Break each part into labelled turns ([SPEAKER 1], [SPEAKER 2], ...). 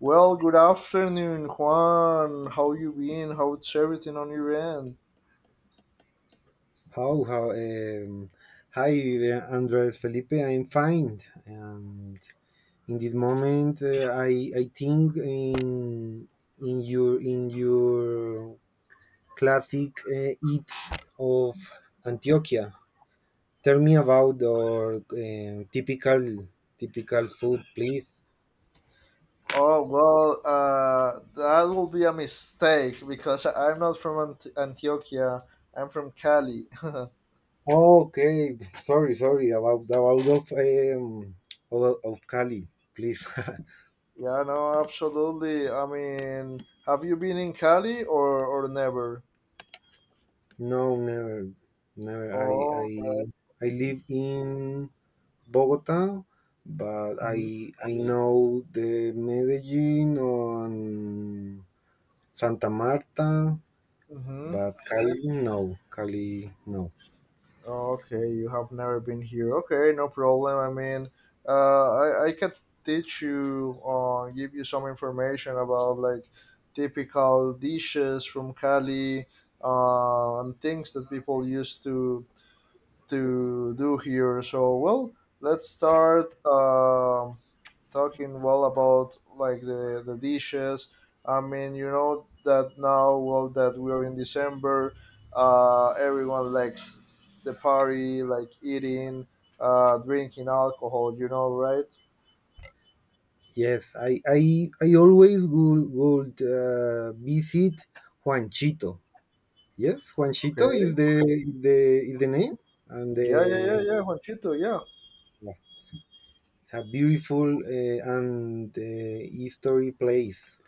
[SPEAKER 1] Well, good afternoon, Juan. How you been? How's everything on your end?
[SPEAKER 2] How, how, um, Hi, Andres Felipe. I'm fine, and in this moment, I think in in your classic eat of Antioquia. Tell me about your typical food, please.
[SPEAKER 1] Oh, well, that will be a mistake because I'm not from Antioquia. I'm from Cali. Yeah,
[SPEAKER 2] Okay, sorry about of Cali, please.
[SPEAKER 1] no, absolutely. I mean, have you been in Cali or never?
[SPEAKER 2] No, never, never. I I
[SPEAKER 1] Oh,
[SPEAKER 2] I
[SPEAKER 1] okay.
[SPEAKER 2] live in Bogota, but I know the Medellin on Santa Marta,
[SPEAKER 1] Mhm.
[SPEAKER 2] but Cali no, Cali no.
[SPEAKER 1] Okay, you have never been here. Okay, no problem. I mean, I can teach you or give you some information about like typical dishes from Cali and things that people used to do here. So, well, let's start talking, well, about like the dishes. I mean, you know that now, well, that we're in December, everyone likes the party, like eating, drinking alcohol, you know, right?
[SPEAKER 2] Yes, I always would visit Juanchito. Yes, Juanchito
[SPEAKER 1] Okay.
[SPEAKER 2] is the name and
[SPEAKER 1] Yeah, yeah, yeah,
[SPEAKER 2] the.
[SPEAKER 1] yeah, Juanchito, yeah.
[SPEAKER 2] Yeah, it's a beautiful and history place.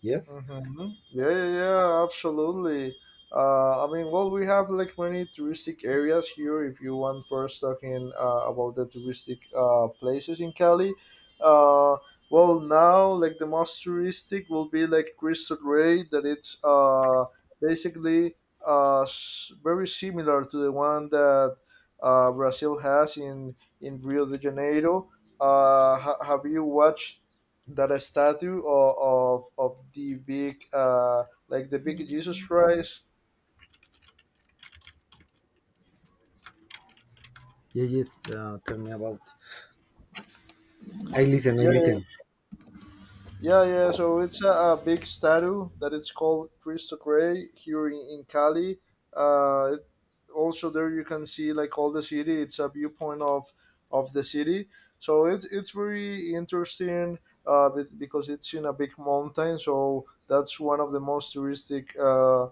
[SPEAKER 2] Yes.
[SPEAKER 1] Yeah, yeah, yeah, absolutely. I mean, well, we have like many touristic areas here. If you want first talking about the touristic places in Cali, uh, well, now like the most touristic will be like Cristo Rey, that it's basically very similar to the one that Brazil has in Rio de Janeiro. Have you watched that, a statue of the big like the big Jesus Christ?
[SPEAKER 2] Yeah, yes. Tell me about. I listen, I
[SPEAKER 1] Yeah,
[SPEAKER 2] listen.
[SPEAKER 1] yeah, yeah, so it's a big statue that it's called Cristo Rey here in Cali. uh, it, Also, there you can see like all the city. It's a viewpoint of the city, so it's very interesting because it's in a big mountain, so that's one of the most touristic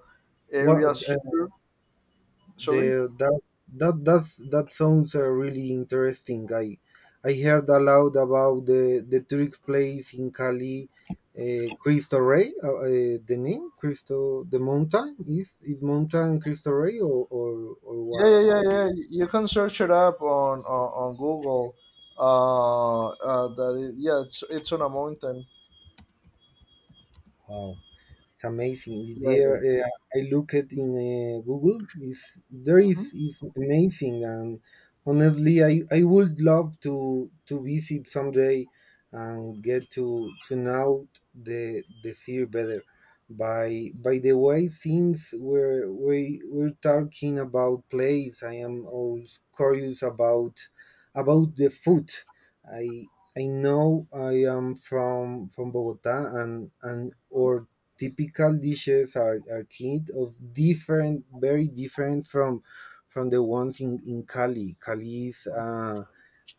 [SPEAKER 2] Well,
[SPEAKER 1] areas here. Sorry.
[SPEAKER 2] the that that that's, that sounds really interesting. I heard a lot about the trick plays in Cali. Cristo Rey, the name Cristo, the mountain is mountain Cristo Rey or or
[SPEAKER 1] Yeah, yeah,
[SPEAKER 2] or
[SPEAKER 1] yeah, yeah. You can search it up on Google. Yeah, it's on a mountain.
[SPEAKER 2] what? It's amazing.
[SPEAKER 1] Yeah,
[SPEAKER 2] There,
[SPEAKER 1] yeah.
[SPEAKER 2] uh, I look at in Google. Is there
[SPEAKER 1] Mm-hmm.
[SPEAKER 2] is amazing, and honestly, I would love to visit someday and get to know the sea better. By the way, since we're talking about place, I am always curious about the food. I I know I am from Bogota and or typical dishes are kind of different, very different from the ones in Cali. Cali is uh,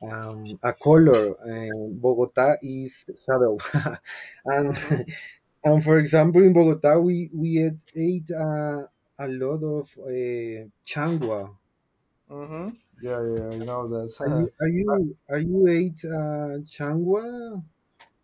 [SPEAKER 2] um, a color, and Bogota is shadow. and and for example, in Bogota, we ate a lot of changua.
[SPEAKER 1] Mm-hmm. Yeah, yeah. I know
[SPEAKER 2] Are you
[SPEAKER 1] that.
[SPEAKER 2] are you are you ate changua?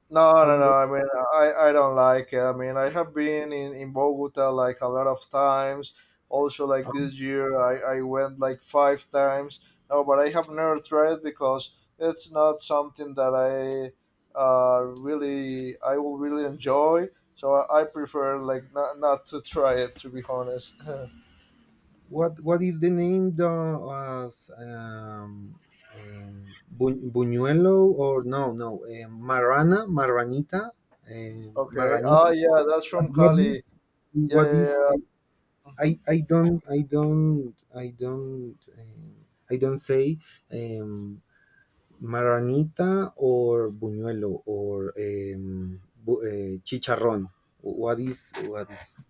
[SPEAKER 1] No,
[SPEAKER 2] Some.
[SPEAKER 1] no, no. I mean, I don't like it. I mean, I have been in Bogota like a lot of times. Also, like this year, I went like five times. No, but I have never tried, because it's not something that I will really enjoy. So I prefer like not to try it, to be honest.
[SPEAKER 2] What is the name though as um, Buñuelo, or no no Marana Maranita,
[SPEAKER 1] Okay.
[SPEAKER 2] Maranita.
[SPEAKER 1] Oh, yeah, that's
[SPEAKER 2] what,
[SPEAKER 1] from
[SPEAKER 2] what
[SPEAKER 1] Cali.
[SPEAKER 2] is
[SPEAKER 1] Yeah,
[SPEAKER 2] what
[SPEAKER 1] yeah,
[SPEAKER 2] is
[SPEAKER 1] yeah. Mhm.
[SPEAKER 2] I don't say um, Maranita or Buñuelo or chicharrón. What is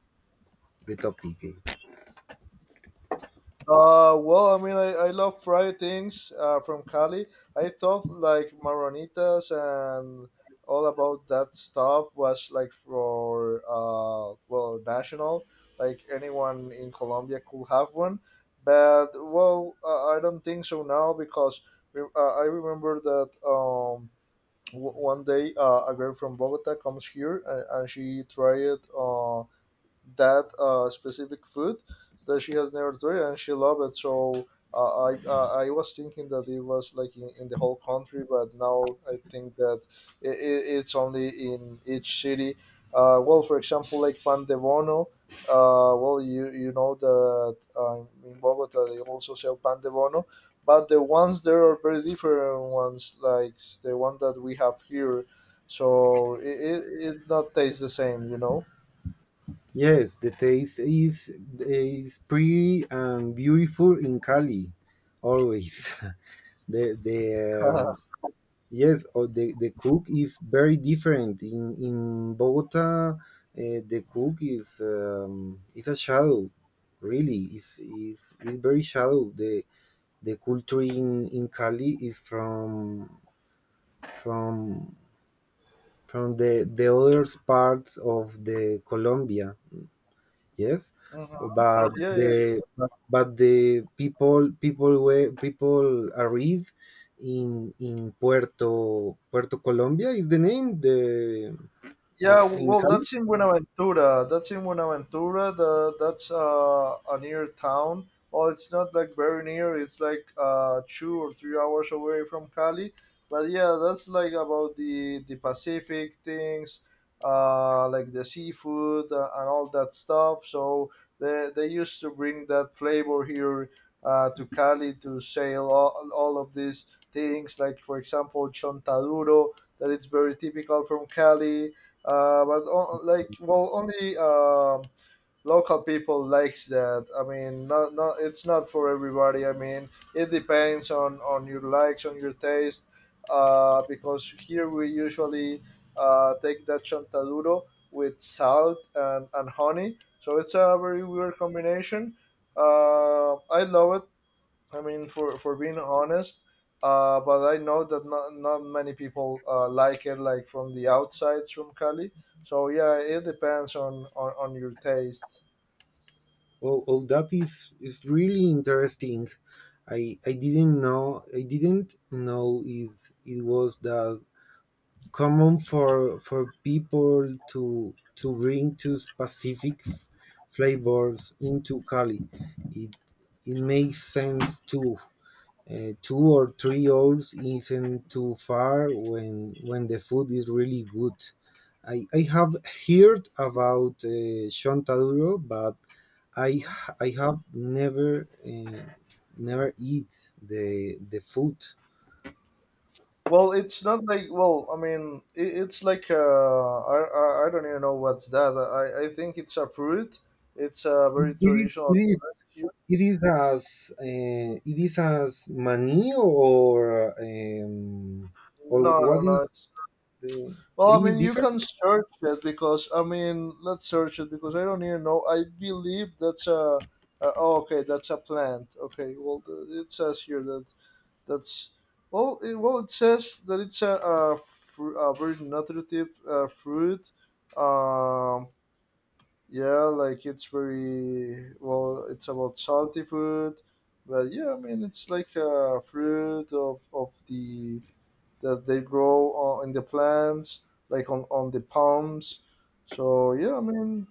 [SPEAKER 2] the topic, eh?
[SPEAKER 1] Well, I mean, I love fried things from Cali. I thought like maronitas and all about that stuff was like for well national, like anyone in Colombia could have one. But well, I don't think so now, because I remember that one day a girl from Bogota comes here, and she tried it, that specific food, that she has never tried, and she loved it. So I was thinking that it was like in the whole country, but now I think that I it's only in each city. Well, for example, like pan de bono, well, you know that in Bogota they also sell pan de bono, but the ones there are very different ones, like the one that we have here. So it not tastes the same.
[SPEAKER 2] Yes, the taste is pretty and beautiful in Cali, always. The Yes, or the cook is very different in Bogota. The cook is a shadow, really. Is very shadow. The culture in Cali is from from the other parts of the Colombia. Yes,
[SPEAKER 1] Mhm. Yeah, yeah,
[SPEAKER 2] but the people people were people arrive in Puerto Colombia is the name
[SPEAKER 1] yeah,
[SPEAKER 2] in
[SPEAKER 1] well,
[SPEAKER 2] Cali.
[SPEAKER 1] that's in Buenaventura. That's in Buenaventura. That's a near town. Well, it's not like very near. It's like 2 or 3 hours away from Cali. But yeah, that's like about the Pacific things, like the seafood and all that stuff. So they used to bring that flavor here, to Cali, to sell all of these things. Like, for example, chontaduro, that it's very typical from Cali, but on, like, well, only local people likes that. I mean, not it's not for everybody. I mean, it depends on your likes, on your taste, because here we usually take that chontaduro with salt and honey, so it's a very weird combination. I love it. I mean, for being honest, but I know that not many people like it, like from the outsides from Cali. So yeah, it depends on your taste.
[SPEAKER 2] Oh, that is really interesting. I didn't know. I didn't know if it was that common for people to bring two specific flavors into Cali. It it makes sense too. 2 or 3 hours isn't too far when the food is really good. I have heard about chontaduro, but I
[SPEAKER 1] Mhm.
[SPEAKER 2] h- I have never eat the food.
[SPEAKER 1] Well, it's not like, well, I mean, it's like I don't even know what's that. I think it's a fruit. It's a
[SPEAKER 2] It,
[SPEAKER 1] very
[SPEAKER 2] it is it
[SPEAKER 1] traditional
[SPEAKER 2] is
[SPEAKER 1] fruit here.
[SPEAKER 2] It is as mani, or
[SPEAKER 1] No, no,
[SPEAKER 2] what is
[SPEAKER 1] no. It's
[SPEAKER 2] the.
[SPEAKER 1] Well, I
[SPEAKER 2] Any
[SPEAKER 1] mean, you
[SPEAKER 2] different?
[SPEAKER 1] can search it, because, I mean, let's search it because I don't even know. I believe that's a. Oh, okay, that's a plant. Okay, well, it says here that that's well, it says that it's a very nutritive fruit. Um, yeah, like it's very, well, it's about salty food, but yeah, I mean, it's like a fruit of the that they grow on, in the plants, like on the palms. So yeah, I mean,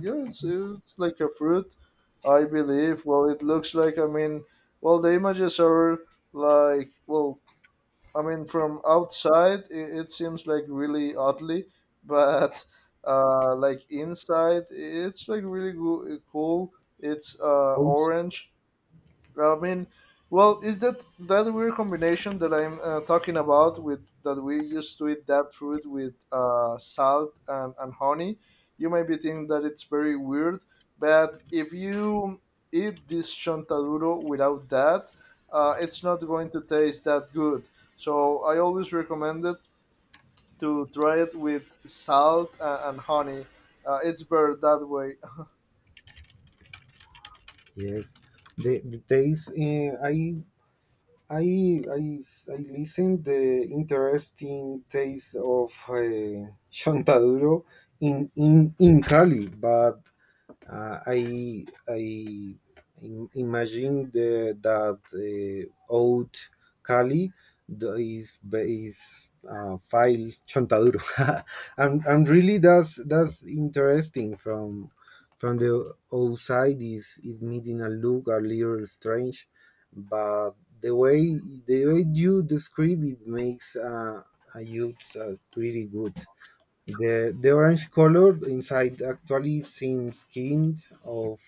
[SPEAKER 1] yeah, it's like a fruit, I believe. Well, it looks like, I mean, well, the images are, like, well, I mean, from outside it seems like really oddly, but like inside it's like really cool. It's
[SPEAKER 2] Oh,
[SPEAKER 1] orange. I mean, well, is that that weird combination that I'm talking about, with that we used to eat that fruit with salt and honey? You might be thinking that it's very weird, but if you eat this chontaduro without that, it's not going to taste that good. So I always recommend it, to try it with salt and honey. It's better that way.
[SPEAKER 2] yes, the taste. I I listen the interesting taste of Chontaduro in Cali, but Uh, I I imagine that old Cali is file Chontaduro, and really that's interesting. From the outside is it meeting a look a little strange, but the way you describe it makes a youth, pretty good. The orange color inside actually seems kind of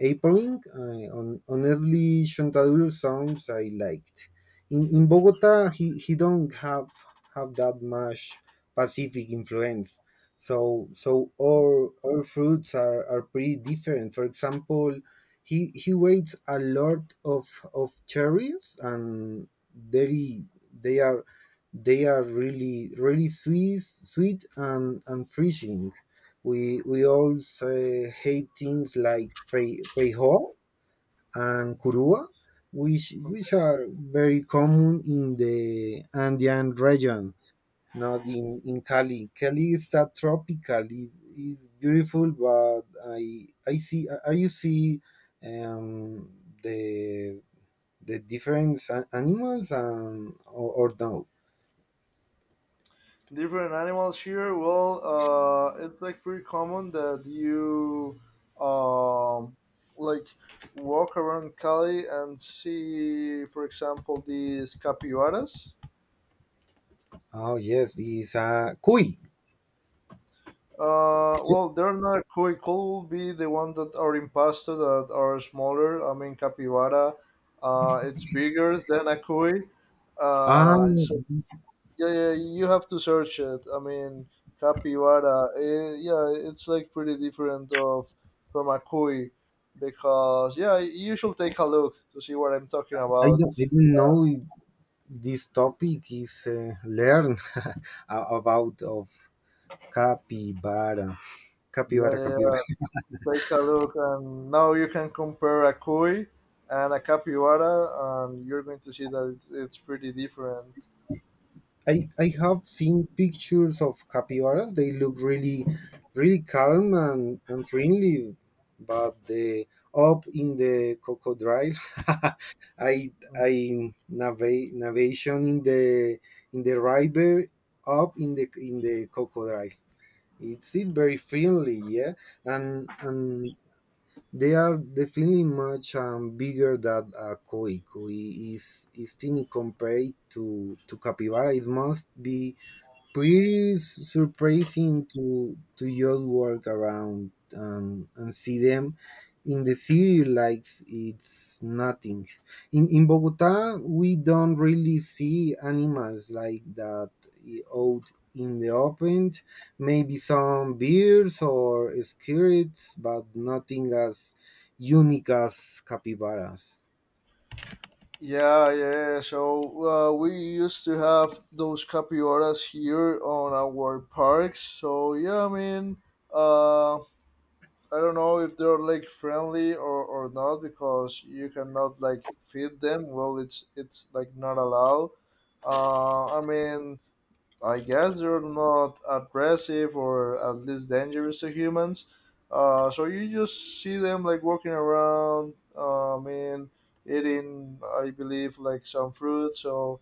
[SPEAKER 2] appalling. Honestly, Chontaduro sounds I liked. In Bogota, he don't have that much Pacific influence. So our fruits are pretty different. For example, he weighs a lot of cherries, and very they are they are really, really sweet, sweet and refreshing. We also hate things like frijol and curua, which which are very common in the Andean region, not in Cali. Cali is that tropical. It is beautiful, but I see. Are you see um the the different animals, and or, no?
[SPEAKER 1] Different animals here. Well, it's like pretty common that you um, like walk around Cali and see, for example, these capybaras.
[SPEAKER 2] Oh yes, it's a kui.
[SPEAKER 1] Well, they're not koi. Koi will be the one that are in pasta, that are smaller. I mean, capybara, it's bigger than a koi. So
[SPEAKER 2] Um,
[SPEAKER 1] yeah, yeah, you have to search it. I mean, capybara. Yeah, it's like pretty different of from a cuy, because yeah, you should take a look to see what I'm talking
[SPEAKER 2] I
[SPEAKER 1] about.
[SPEAKER 2] don't, I don't know this topic is learned. About of capybara,
[SPEAKER 1] Yeah,
[SPEAKER 2] capybara,
[SPEAKER 1] yeah,
[SPEAKER 2] capybara.
[SPEAKER 1] yeah. Take a look, and now you can compare a cuy and a capybara, and you're going to see that it's pretty different.
[SPEAKER 2] I have seen pictures of capybaras. They look really, really calm and friendly, but the up in the crocodile. I I navigate navigation in the river up in the crocodile. It's it very friendly, yeah, and they are definitely much bigger than a koi. Koi is tiny compared to capybara. It must be pretty surprising to just walk around, and see them in the city like it's nothing. In Bogota we don't really see animals like that, out in the open. Maybe some bears or skirrets, but nothing as unique as capybaras.
[SPEAKER 1] Yeah, yeah. So we used to have those capybaras here on our parks. So yeah, I mean, um, I don't know if they're like friendly or not, because you cannot like feed them. Well, it's like not allowed. I mean, I guess they're not aggressive, or at least dangerous, to humans. So you just see them like walking around. I mean, eating, I believe, like some fruit. So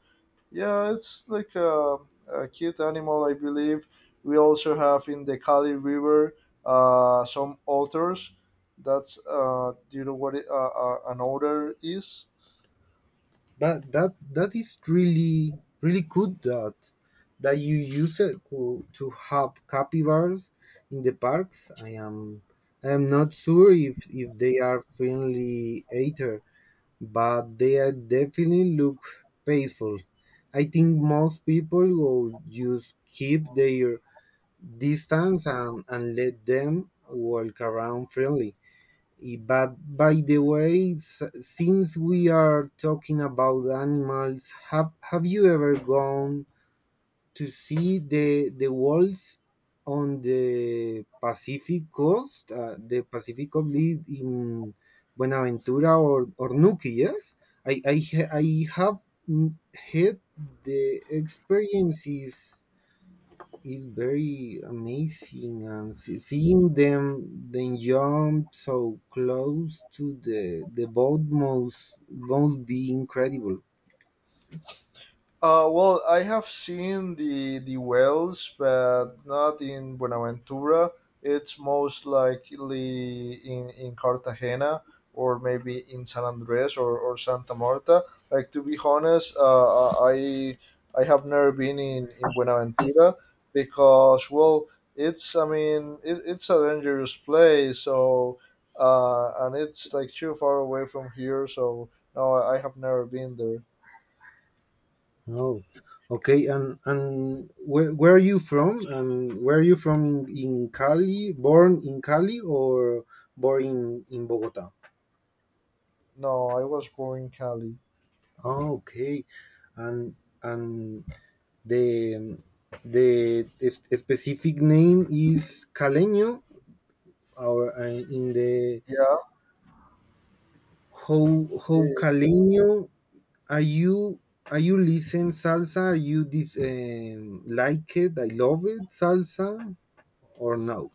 [SPEAKER 1] yeah, it's like a cute animal, I believe. We also have in the Kali River some otters. That's Do you know what an altar is?
[SPEAKER 2] But that is really good that you use it to have capybaras in the parks. I am not sure if they are friendly eater, but they are definitely look peaceful. I think most people will just keep their distance, and let them walk around freely. But by the way, since we are talking about animals, have you ever gone to see the walls on the Pacific coast, the Pacific Oblid in Buenaventura or Nuki? Yes, I have mm, had the experiences. It's very amazing, and seeing them then jump so close to the boat must be incredible.
[SPEAKER 1] Well, I have seen the wells, but not in Buenaventura. It's most likely in Cartagena, or maybe in San Andres, or Santa Marta. Like, to be honest, I have never been in Buenaventura, because, well, it's, I mean, it's a dangerous place. So and it's like too far away from here. So no, I have never been there.
[SPEAKER 2] Oh, okay. And where are you from? And where are you from, in Cali, born in Cali, or born in Bogota?
[SPEAKER 1] No, I was born in Cali.
[SPEAKER 2] Oh, okay. And and the the s- specific name is caleño, or in the.
[SPEAKER 1] Yeah,
[SPEAKER 2] How
[SPEAKER 1] yeah, yeah.
[SPEAKER 2] Caleño are you? Are you listen salsa? Are you like it? I love it salsa, or no?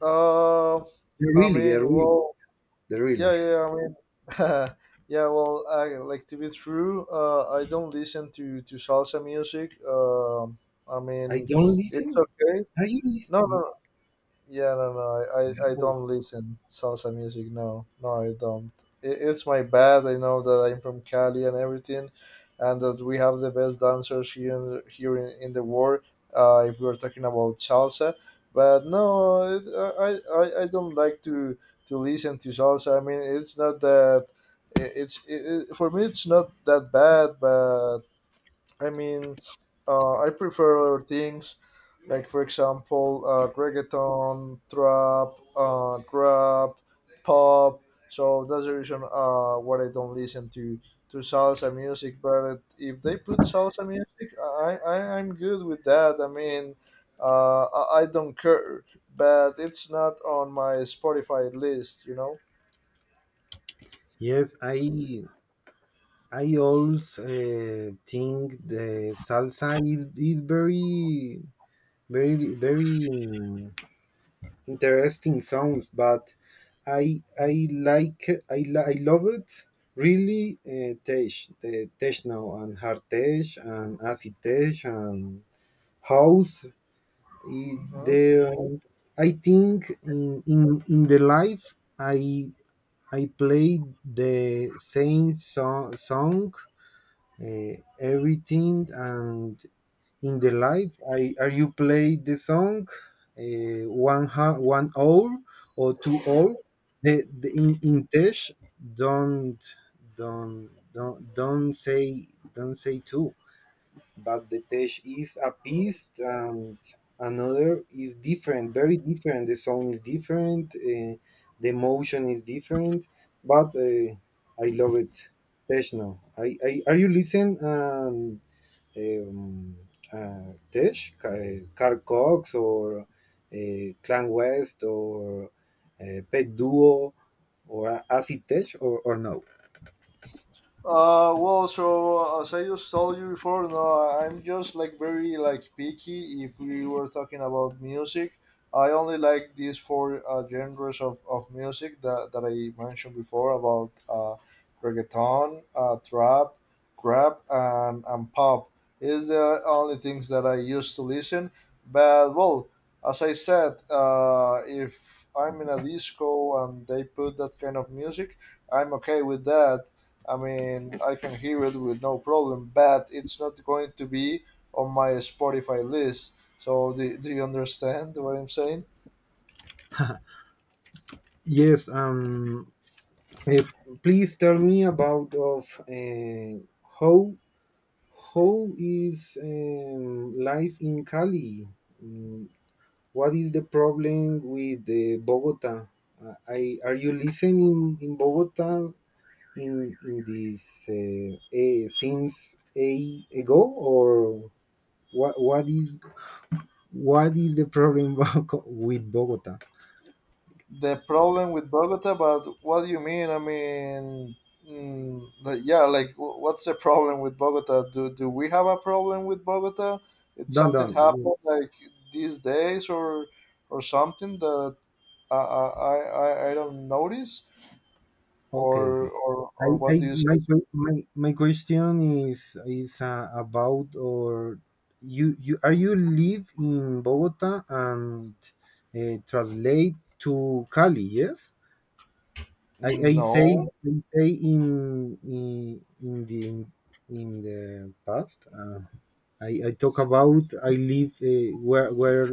[SPEAKER 1] Uh,
[SPEAKER 2] They're
[SPEAKER 1] I
[SPEAKER 2] really, they
[SPEAKER 1] mean,
[SPEAKER 2] really,
[SPEAKER 1] well,
[SPEAKER 2] they
[SPEAKER 1] yeah,
[SPEAKER 2] really.
[SPEAKER 1] yeah, yeah, I mean, yeah. Well, like, to be true, I don't listen to salsa music. I
[SPEAKER 2] I
[SPEAKER 1] mean,
[SPEAKER 2] don't
[SPEAKER 1] it's
[SPEAKER 2] listen.
[SPEAKER 1] okay.
[SPEAKER 2] Are you
[SPEAKER 1] No, no,
[SPEAKER 2] listening?
[SPEAKER 1] no. Yeah, no, no, I don't listen salsa music. No, no, I don't. It's my bad. I know that I'm from Cali and everything, and that we have the best dancers here in the world. If we're talking about salsa, but no, I don't like to listen to salsa. I mean, it's not that. It, it's it, it- For me, it's not that bad, but I mean, I prefer other things, like, for example, reggaeton, trap, rap, pop. So that's the reason why I don't listen to salsa music. But if they put salsa music, I'm good with that. I mean, I don't care. But it's not on my Spotify list.
[SPEAKER 2] Yes, I also think the salsa is very, very, very interesting songs, but I like I li- I love it really, tech, the techno and hard tech and acid tech and house. It,
[SPEAKER 1] Mhm.
[SPEAKER 2] the. I think in the life I played the same song, everything, and in the live, are you play the song, 1 hour or 2 hour, the, in tesh. Don't don't don't don't say don't say two, but the tesh is a piece and another is different, very different. The song is different, the emotion is different, but I love it. Tesh now, I are you listen, and um, Tesh, Carl Cox, or Clan West, or Pet Duo, or Acid Tesh, or no?
[SPEAKER 1] Well, so, as I just told you before, no, I'm just like very, like, picky. If we were talking about music, I only like these four genres of music that, I mentioned before, about reggaeton, trap, rap, and pop. Is the only things that I used to listen. But well, as I said, if I'm in a disco and they put that kind of music, I'm okay with that. I mean, I can hear it with no problem, but it's not going to be on my Spotify list. So, do you understand what I'm saying?
[SPEAKER 2] Yes, Uh, please tell me about of how how is life in Cali? Mm, what is the problem with the Bogota? I are you listening in Bogota? In this since a ago, or what what is what is the problem with Bogota?
[SPEAKER 1] The problem with Bogota, but what do you mean? I mean, like, yeah, like, what's the problem with Bogota? Do we have a problem with Bogota? Did
[SPEAKER 2] Don't,
[SPEAKER 1] something
[SPEAKER 2] don't.
[SPEAKER 1] happen like these days or something that I don't notice?
[SPEAKER 2] Okay,
[SPEAKER 1] Or,
[SPEAKER 2] okay.
[SPEAKER 1] or, or
[SPEAKER 2] I
[SPEAKER 1] what do you say?
[SPEAKER 2] My question is about, or you are you live in Bogota and translate to Cali? Yes, I say
[SPEAKER 1] No,
[SPEAKER 2] I say in the past. I talk about I live, where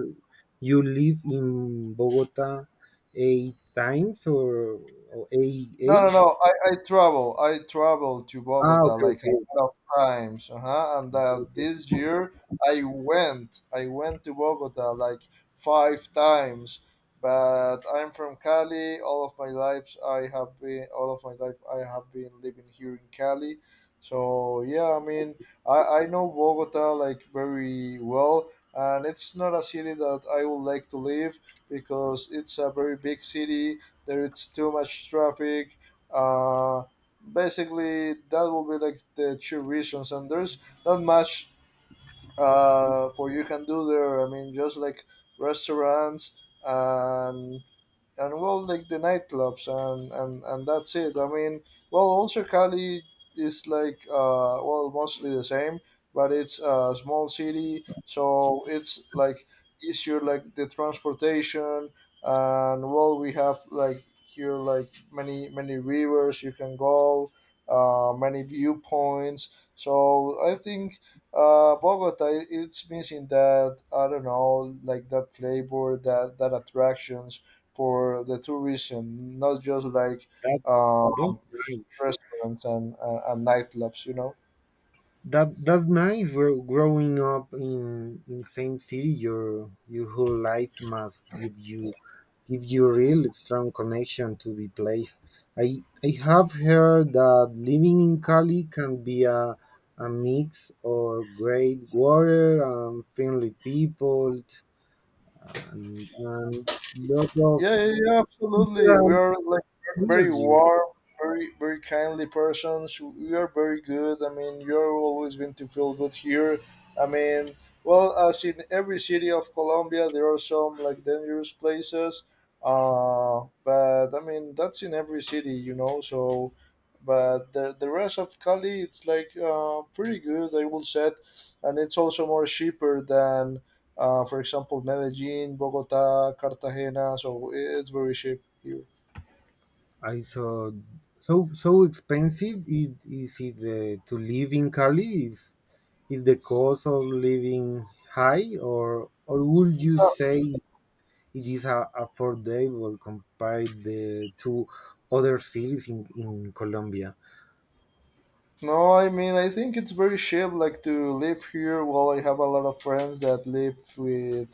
[SPEAKER 2] you live in Bogota eight times, or eight
[SPEAKER 1] no, no,
[SPEAKER 2] age.
[SPEAKER 1] no. I travel. I travel to
[SPEAKER 2] Ah,
[SPEAKER 1] Bogota
[SPEAKER 2] okay,
[SPEAKER 1] like
[SPEAKER 2] okay,
[SPEAKER 1] a lot of times. Uh-huh. And
[SPEAKER 2] okay.
[SPEAKER 1] this year I went to Bogota like five times. But I'm from Cali. All of my life I have been living here in Cali. So yeah, I mean, I know Bogota like very well, and it's not a city that I would like to live because it's a very big city. There is too much traffic, uh, basically. That will be like the two reasons, and there's not much for you can do there. I mean, just like restaurants and well, like the nightclubs, and and that's it. I mean, well, also Cali is like, well, mostly the same, but it's a small city, so it's like easier, like the transportation. And well, we have like here, like many many rivers you can go, many viewpoints. So I think, Bogota, it's missing that, I don't know, like that flavor, that attraction for the tourism, not just like,
[SPEAKER 2] That
[SPEAKER 1] uh,
[SPEAKER 2] that's nice.
[SPEAKER 1] restaurants and nightclubs, you know.
[SPEAKER 2] That's nice. Growing up in same city, your whole life must give you a real strong connection to the place. I have heard that living in Cali can be a mix or great water and friendly people and lot of,
[SPEAKER 1] Yeah, yeah, yeah, absolutely.
[SPEAKER 2] yeah,
[SPEAKER 1] We are like very
[SPEAKER 2] energy.
[SPEAKER 1] warm, very, very kindly persons. We are very good. I mean, you're always going to feel good here. I mean, well, as in every city of Colombia, there are some like dangerous places. But I mean, that's in every city, you know. So, but the rest of Cali, it's like, pretty good, I will say, and it's also more cheaper than, for example, Medellin, Bogota, Cartagena. So it's very cheap here.
[SPEAKER 2] I saw so expensive it is it to live in Cali. Is the cost of living high or would you
[SPEAKER 1] Uh,
[SPEAKER 2] say it is a, affordable compared to other cities in Colombia?
[SPEAKER 1] No, I mean, I think it's very cheap, like to live here. Well, I have a lot of friends that live with,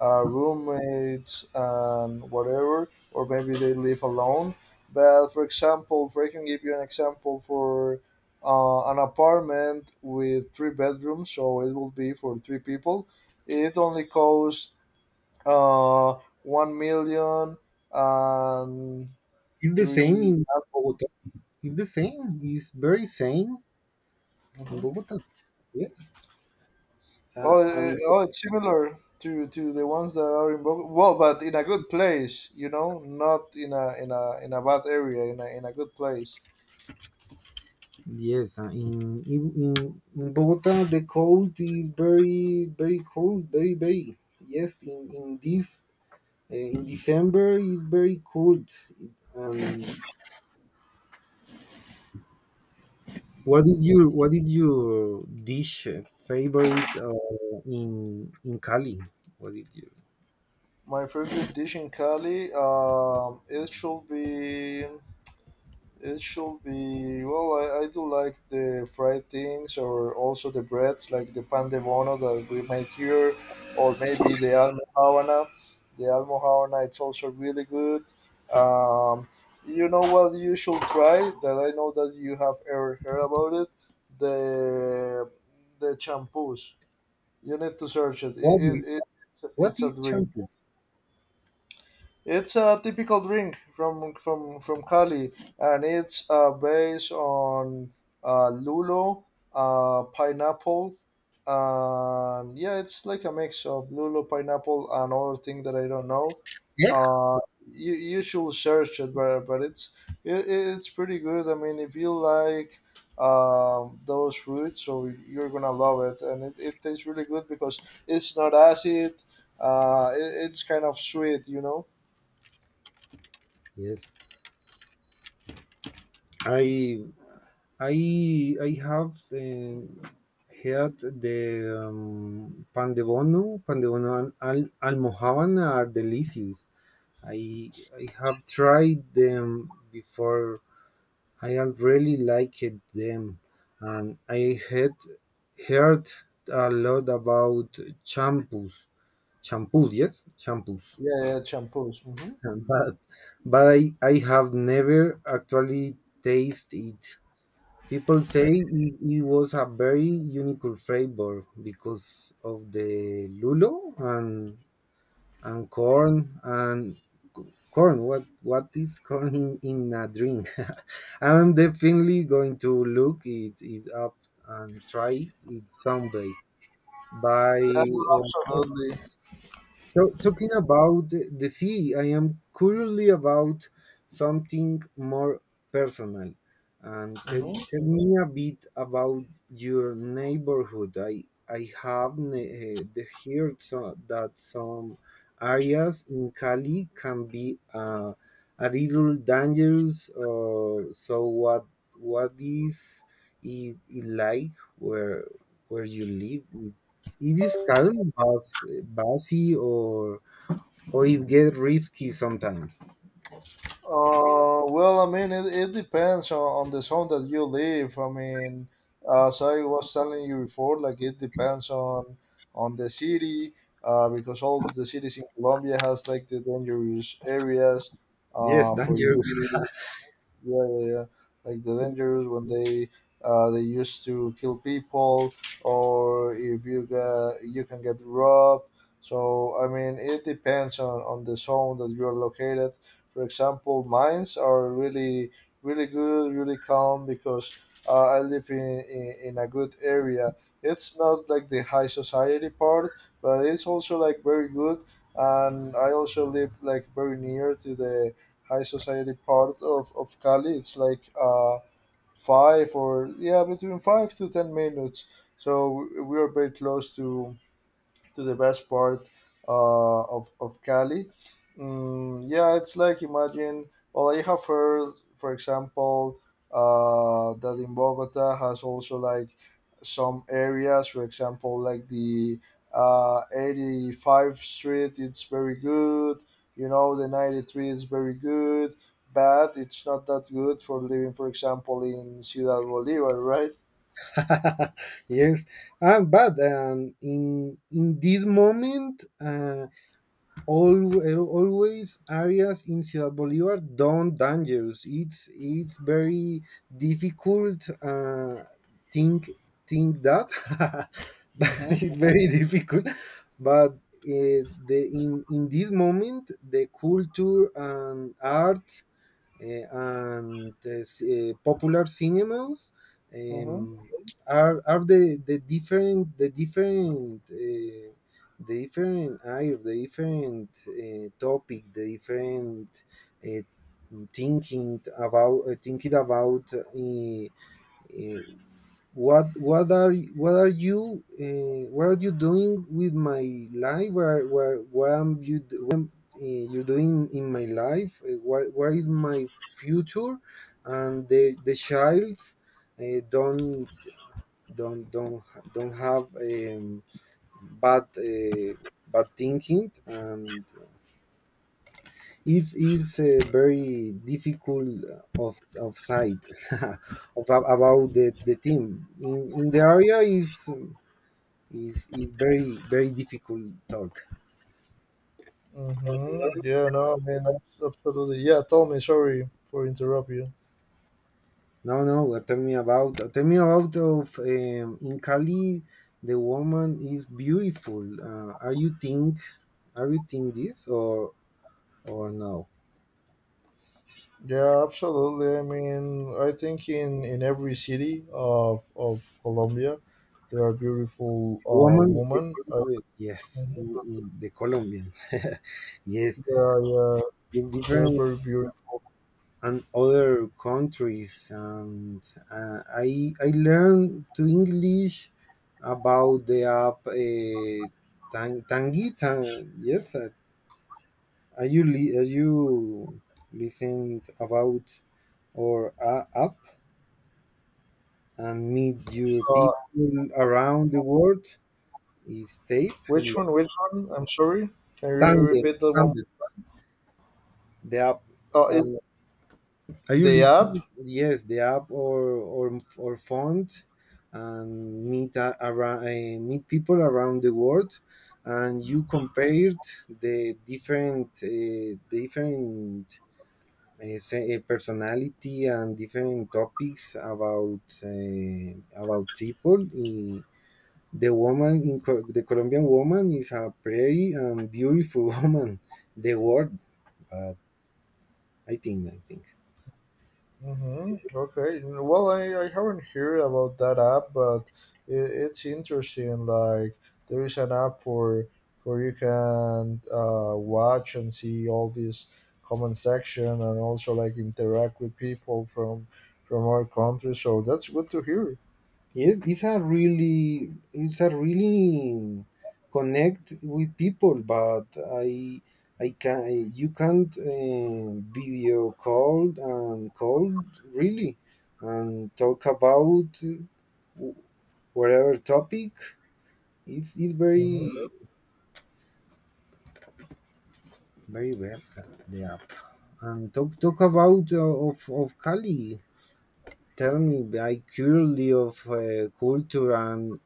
[SPEAKER 1] roommates and whatever, or maybe they live alone. But for example, if I can give you an example for, an apartment with three bedrooms, so it will be for three people. It only costs, uh, one million and
[SPEAKER 2] It's the same
[SPEAKER 1] three.
[SPEAKER 2] in Bogota. It's the same. It's very same in
[SPEAKER 1] Mhm.
[SPEAKER 2] Bogota. Yes.
[SPEAKER 1] Oh, eh,
[SPEAKER 2] And
[SPEAKER 1] oh, it's similar to the ones that are in Bogota. Well, but in a good place, you know, not in a bad area, in a good place.
[SPEAKER 2] yes, in Bogota the cold is very cold, very, very. Yes, in this in December is very cold. It- And what is your dish favorite in Cali? What is your.
[SPEAKER 1] My favorite dish in Cali, it should be. I do like the fried things, or also the breads, like the pan de bono that we made here, or maybe the almohadana. The almohadana, it's also really good. Um, you know what you should try? That I know that you have ever heard about it. The the shampoos. You need to search it. It,
[SPEAKER 2] what
[SPEAKER 1] it,
[SPEAKER 2] is
[SPEAKER 1] it
[SPEAKER 2] what
[SPEAKER 1] it's a
[SPEAKER 2] is
[SPEAKER 1] dream.
[SPEAKER 2] champus?
[SPEAKER 1] It's a typical drink from Cali, and it's, based on, lulo, pineapple, and yeah, it's like a mix of lulo, pineapple, and other thing that I don't know.
[SPEAKER 2] Yeah.
[SPEAKER 1] Uh, you should search it, but it's pretty good. I mean, if you like, those fruits, so you're gonna love it, and it tastes really good because it's not acid. It's kind of sweet, you know.
[SPEAKER 2] Yes, I I have heard the pan de bono and almohaban are delicious. I have tried them before. I have really liked them, and I had heard a lot about champus, champus, yes, champus.
[SPEAKER 1] Yeah, yeah, shampoos. Mhm.
[SPEAKER 2] But but I have never actually tasted it. People say it was a very unique flavor because of the lulo and corn. What is corn in a drink? I'm definitely going to look it up and try it someday. By
[SPEAKER 1] Yeah, well,
[SPEAKER 2] um,
[SPEAKER 1] absolutely.
[SPEAKER 2] Talking about the sea, I am currently about something more personal. And tell,
[SPEAKER 1] Mhm.
[SPEAKER 2] tell me a bit about your neighborhood. I have heard so, that some areas in Cali can be a little dangerous. What is it like where you live? It is calm but bossy, or it get risky sometimes?
[SPEAKER 1] Well, I mean, it depends on the zone that you live. I mean, as I was telling you before, like it depends on the city, because all the cities in Colombia has like the dangerous areas,
[SPEAKER 2] Yes,
[SPEAKER 1] for you.
[SPEAKER 2] dangerous.
[SPEAKER 1] Yeah, yeah, yeah. Like the dangers when they used to kill people, or if you can get robbed. So I mean, it depends on the zone that you are located. For example, mines are really really good, really calm, because, I live in a good area. It's not like the high society part, but it's also like very good. And I also live like very near to the high society part of Cali. It's like five or, yeah, between 5 to 10 minutes. So we are very close to the best part, of, Cali. Mm, yeah, it's like, imagine, well, I have heard, for example, that in Bogota has also like some areas, for example, like the, 85th Street, it's very good. You know, the 93 is very good, but it's not that good for living, for example, in Ciudad Bolivar, right?
[SPEAKER 2] yes, but in this moment all always areas in Ciudad Bolivar don't dangerous. It's very difficult think think that
[SPEAKER 1] Mhm.
[SPEAKER 2] it's very difficult. But uh, the in this moment the culture and art and the popular cinemas
[SPEAKER 1] Hmm.
[SPEAKER 2] um, are the different the different the different eye, the different topic, the different thinking about uh, what are what are you doing with my life, where what am you you're doing in my life, what is my future, and the childs uh, don't don't don't have bad bad thinking, and is very difficult of sight of, about the team in the area is. It's very very difficult talk.
[SPEAKER 1] Mm-hmm. Yeah, no, I mean, absolutely. Yeah, tell me, sorry for interrupt you.
[SPEAKER 2] No, no. Tell me about of in Cali, the woman is beautiful. Are you think are you think this or no?
[SPEAKER 1] Yeah, absolutely. I mean, I think in every city of Colombia, there are beautiful,
[SPEAKER 2] Woman, the,
[SPEAKER 1] women.
[SPEAKER 2] Col- yes,
[SPEAKER 1] Mhm.
[SPEAKER 2] in the Colombian, yes,
[SPEAKER 1] Yeah, yeah,
[SPEAKER 2] it's
[SPEAKER 1] they're
[SPEAKER 2] different
[SPEAKER 1] very beautiful.
[SPEAKER 2] and other countries, and I learned to English about the app Tang, Tangi Tang. Yes, are you listening about or app and meet your
[SPEAKER 1] Uh,
[SPEAKER 2] people around the world? Is tape? Yeah.
[SPEAKER 1] which one? Which one? I'm sorry. Can you
[SPEAKER 2] Tandem,
[SPEAKER 1] repeat that one?
[SPEAKER 2] Tandem, the app. uh,
[SPEAKER 1] It,
[SPEAKER 2] Are you
[SPEAKER 1] the app.
[SPEAKER 2] listening? Yes, the app or font, and meet a, around, meet people around the world, and you compared the different different personality and different topics about people. The woman in Co- the Colombian woman is a pretty and beautiful woman. The world, but I think.
[SPEAKER 1] Mm-hmm. Okay. Well, I haven't heard about that app, but it's interesting. Like there is an app for where you can, watch and see all this comment section and also like interact with people from our country. So that's good to hear.
[SPEAKER 2] Yes, it's a really connect with people, but I I can you can't video call and call really, and talk about whatever topic. It's very
[SPEAKER 1] Mm-hmm.
[SPEAKER 2] very best the app. And talk talk about of Cali. Tell me, I curiously of culture and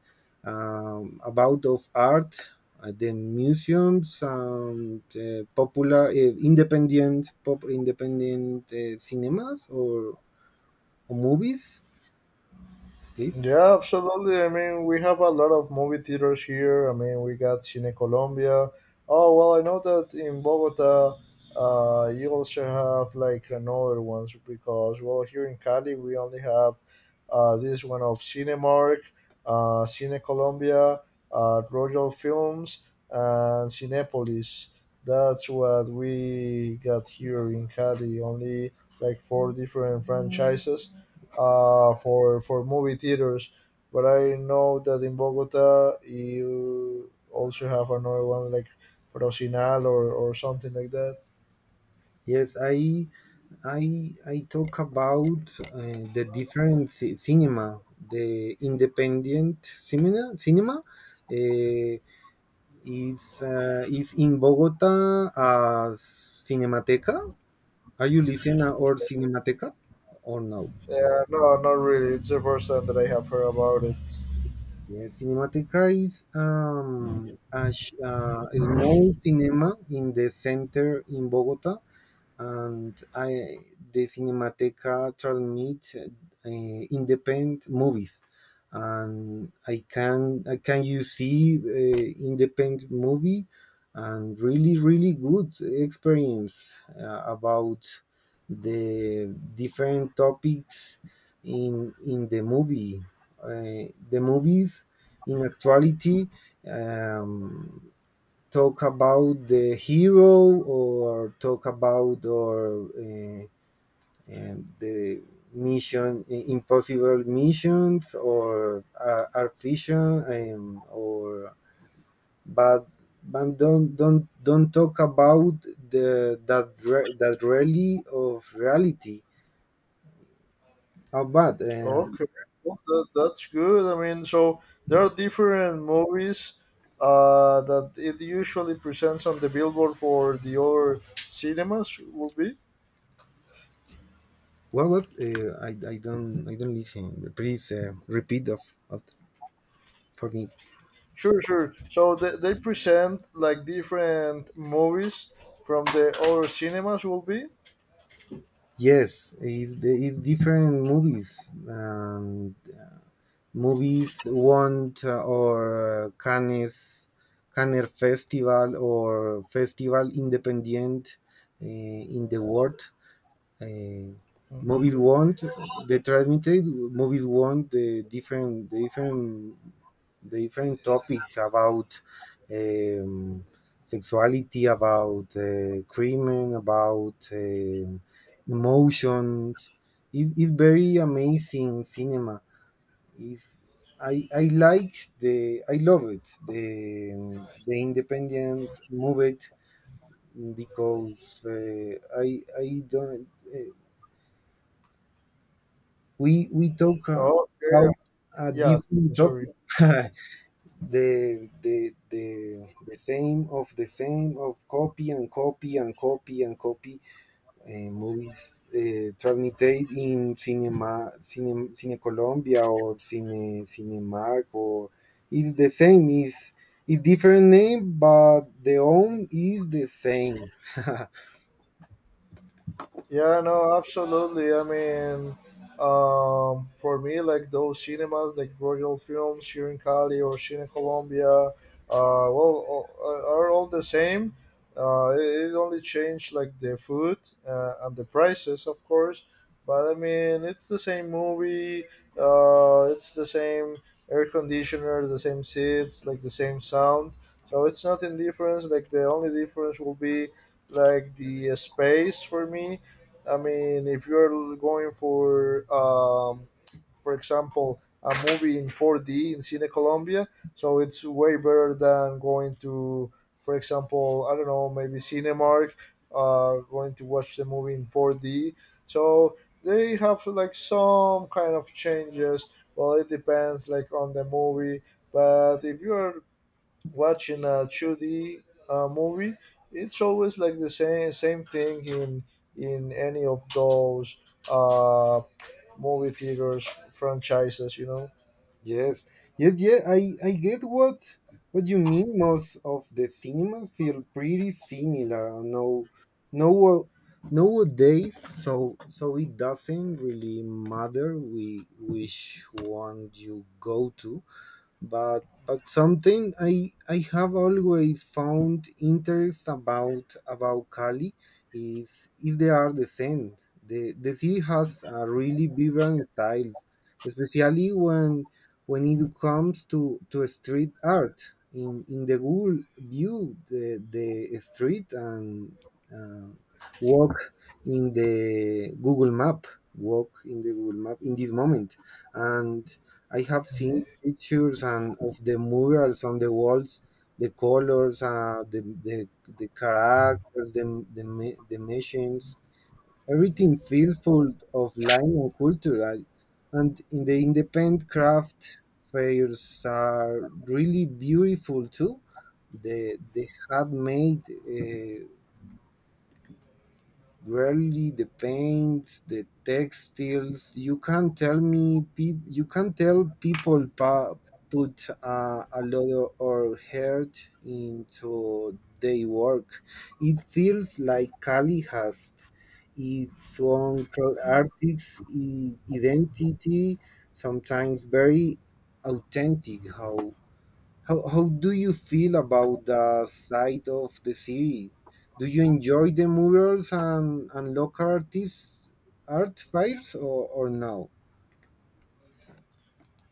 [SPEAKER 2] about of art, the museums and popular independent cinemas or movies, please.
[SPEAKER 1] Yeah, absolutely. I mean, we have a lot of movie theaters here. I mean, we got Cine Colombia. Oh, well, I know that in Bogota, you also have like another ones, because, well, here in Cali, we only have, this one of Cinemark, Cine Colombia, Royal Films, and Cinepolis. That's what we got here in Cali, only like four different franchises, for movie theaters. But I know that in Bogota you also have another one like Procinal or something like that.
[SPEAKER 2] Yes, I talk about the different cinema the independent cinema uh, is in Bogota as Cinemateca. Are you listener or Cinemateca or no?
[SPEAKER 1] Yeah, no, not really. It's the first time that I have heard about it.
[SPEAKER 2] Yeah, Cinemateca is a, a small cinema in the center in Bogota, and I the Cinemateca transmit uh, independent movies, and I can you see independent movie, and really really good experience about the different topics in the movie. The movies in actuality. Um, talk about the hero or talk about, or the mission impossible missions, or are fiction, or but but don't talk about the that re- that really of reality, how bad
[SPEAKER 1] Okay, well, that, that's good. I mean, so there are different movies, that it usually presents on the billboard for the other cinemas, will be.
[SPEAKER 2] what I don't listen. Please repeat of for me.
[SPEAKER 1] Sure, sure. So they present like different movies from the other cinemas, will be.
[SPEAKER 2] Yes, it's, the- it's different movies. Movies want or Cannes, Cannes Festival or Festival Independent in the world uh, movies want the transmitted movies want the different the different the different topics about um, sexuality, about crimen, about emotions. It's very amazing cinema is. I like the I love it the independent movie because I don't uh, we talk
[SPEAKER 1] Oh, yeah,
[SPEAKER 2] about a
[SPEAKER 1] yeah. Yeah,
[SPEAKER 2] different
[SPEAKER 1] sorry.
[SPEAKER 2] topic. The same of copy and copy and copy and copy movies transmitted in cinema cine, cine Colombia or cine Cinemark, or it's the same is it's different name, but the own is the same.
[SPEAKER 1] Yeah, no, absolutely. I mean, for me, like those cinemas, like Royal Films here in Cali or Cine Colombia, well, are all the same. It only changed like the food, and the prices, of course. But I mean, it's the same movie. It's the same air conditioner, the same seats, like the same sound. So it's nothing different. Like the only difference will be like the, space for me. I mean, if you're going for example, a movie in 4D in Cine Colombia, so it's way better than going to, for example, I don't know, maybe Cinemark, going to watch the movie in 4D. So they have like some kind of changes. Well, it depends like on the movie. But if you are watching a 2D, movie, it's always like the same thing in any of those, uh, movie theaters franchises, you know.
[SPEAKER 2] Yes, yes, yeah. I get what you mean. Most of the cinemas feel pretty similar. No, no, nowadays. So so it doesn't really matter we which one you go to. But something I have always found interest about Cali is the art design. The city has a really vibrant style, especially when it comes to street art. In the Google view the street and uh, walk in the Google map walk in the Google map in this moment, and I have
[SPEAKER 1] Mhm.
[SPEAKER 2] seen pictures and of the murals on the walls, the colors, the characters, the the machines. Everything feels full of life and culture. I, and in the independent craft fairs are really beautiful too. The handmade rarely the paints, the textiles. You can't tell me. Peop You can't tell people put a lot of or heart into their work. It feels like Cali has its own artist identity, sometimes very authentic. How how do you feel about the side of the city? Do you enjoy the murals and local artists art fairs, or no?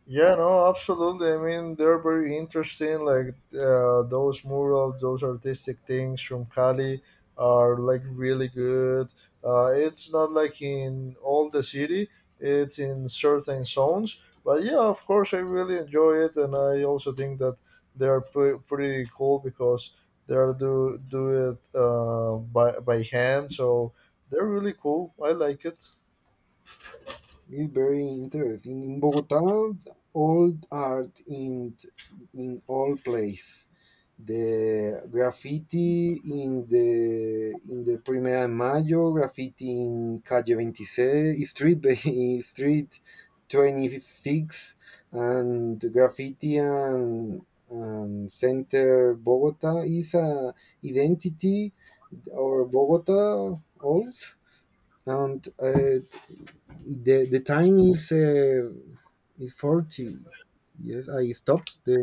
[SPEAKER 1] Yeah, no, absolutely. I mean, they're very interesting. Like, those murals, those artistic things from Cali are like really good. It's not like in all the city; it's in certain zones. But yeah, of course, I really enjoy it, and I also think that they are pretty cool, because they are do it, by hand, so they're really cool. I like it.
[SPEAKER 2] It's very interesting. In Bogota, old art in all place. The graffiti in the Primera de Mayo, graffiti in Calle 26, street street 26, and graffiti and center Bogota is a identity or Bogota also. And the time is 40. Yes, I stop the.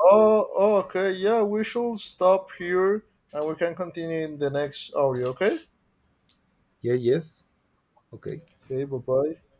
[SPEAKER 1] Oh, oh, okay. Yeah, we shall stop here and we can continue in the next audio, okay?
[SPEAKER 2] Yeah, yes, okay.
[SPEAKER 1] Okay, bye bye.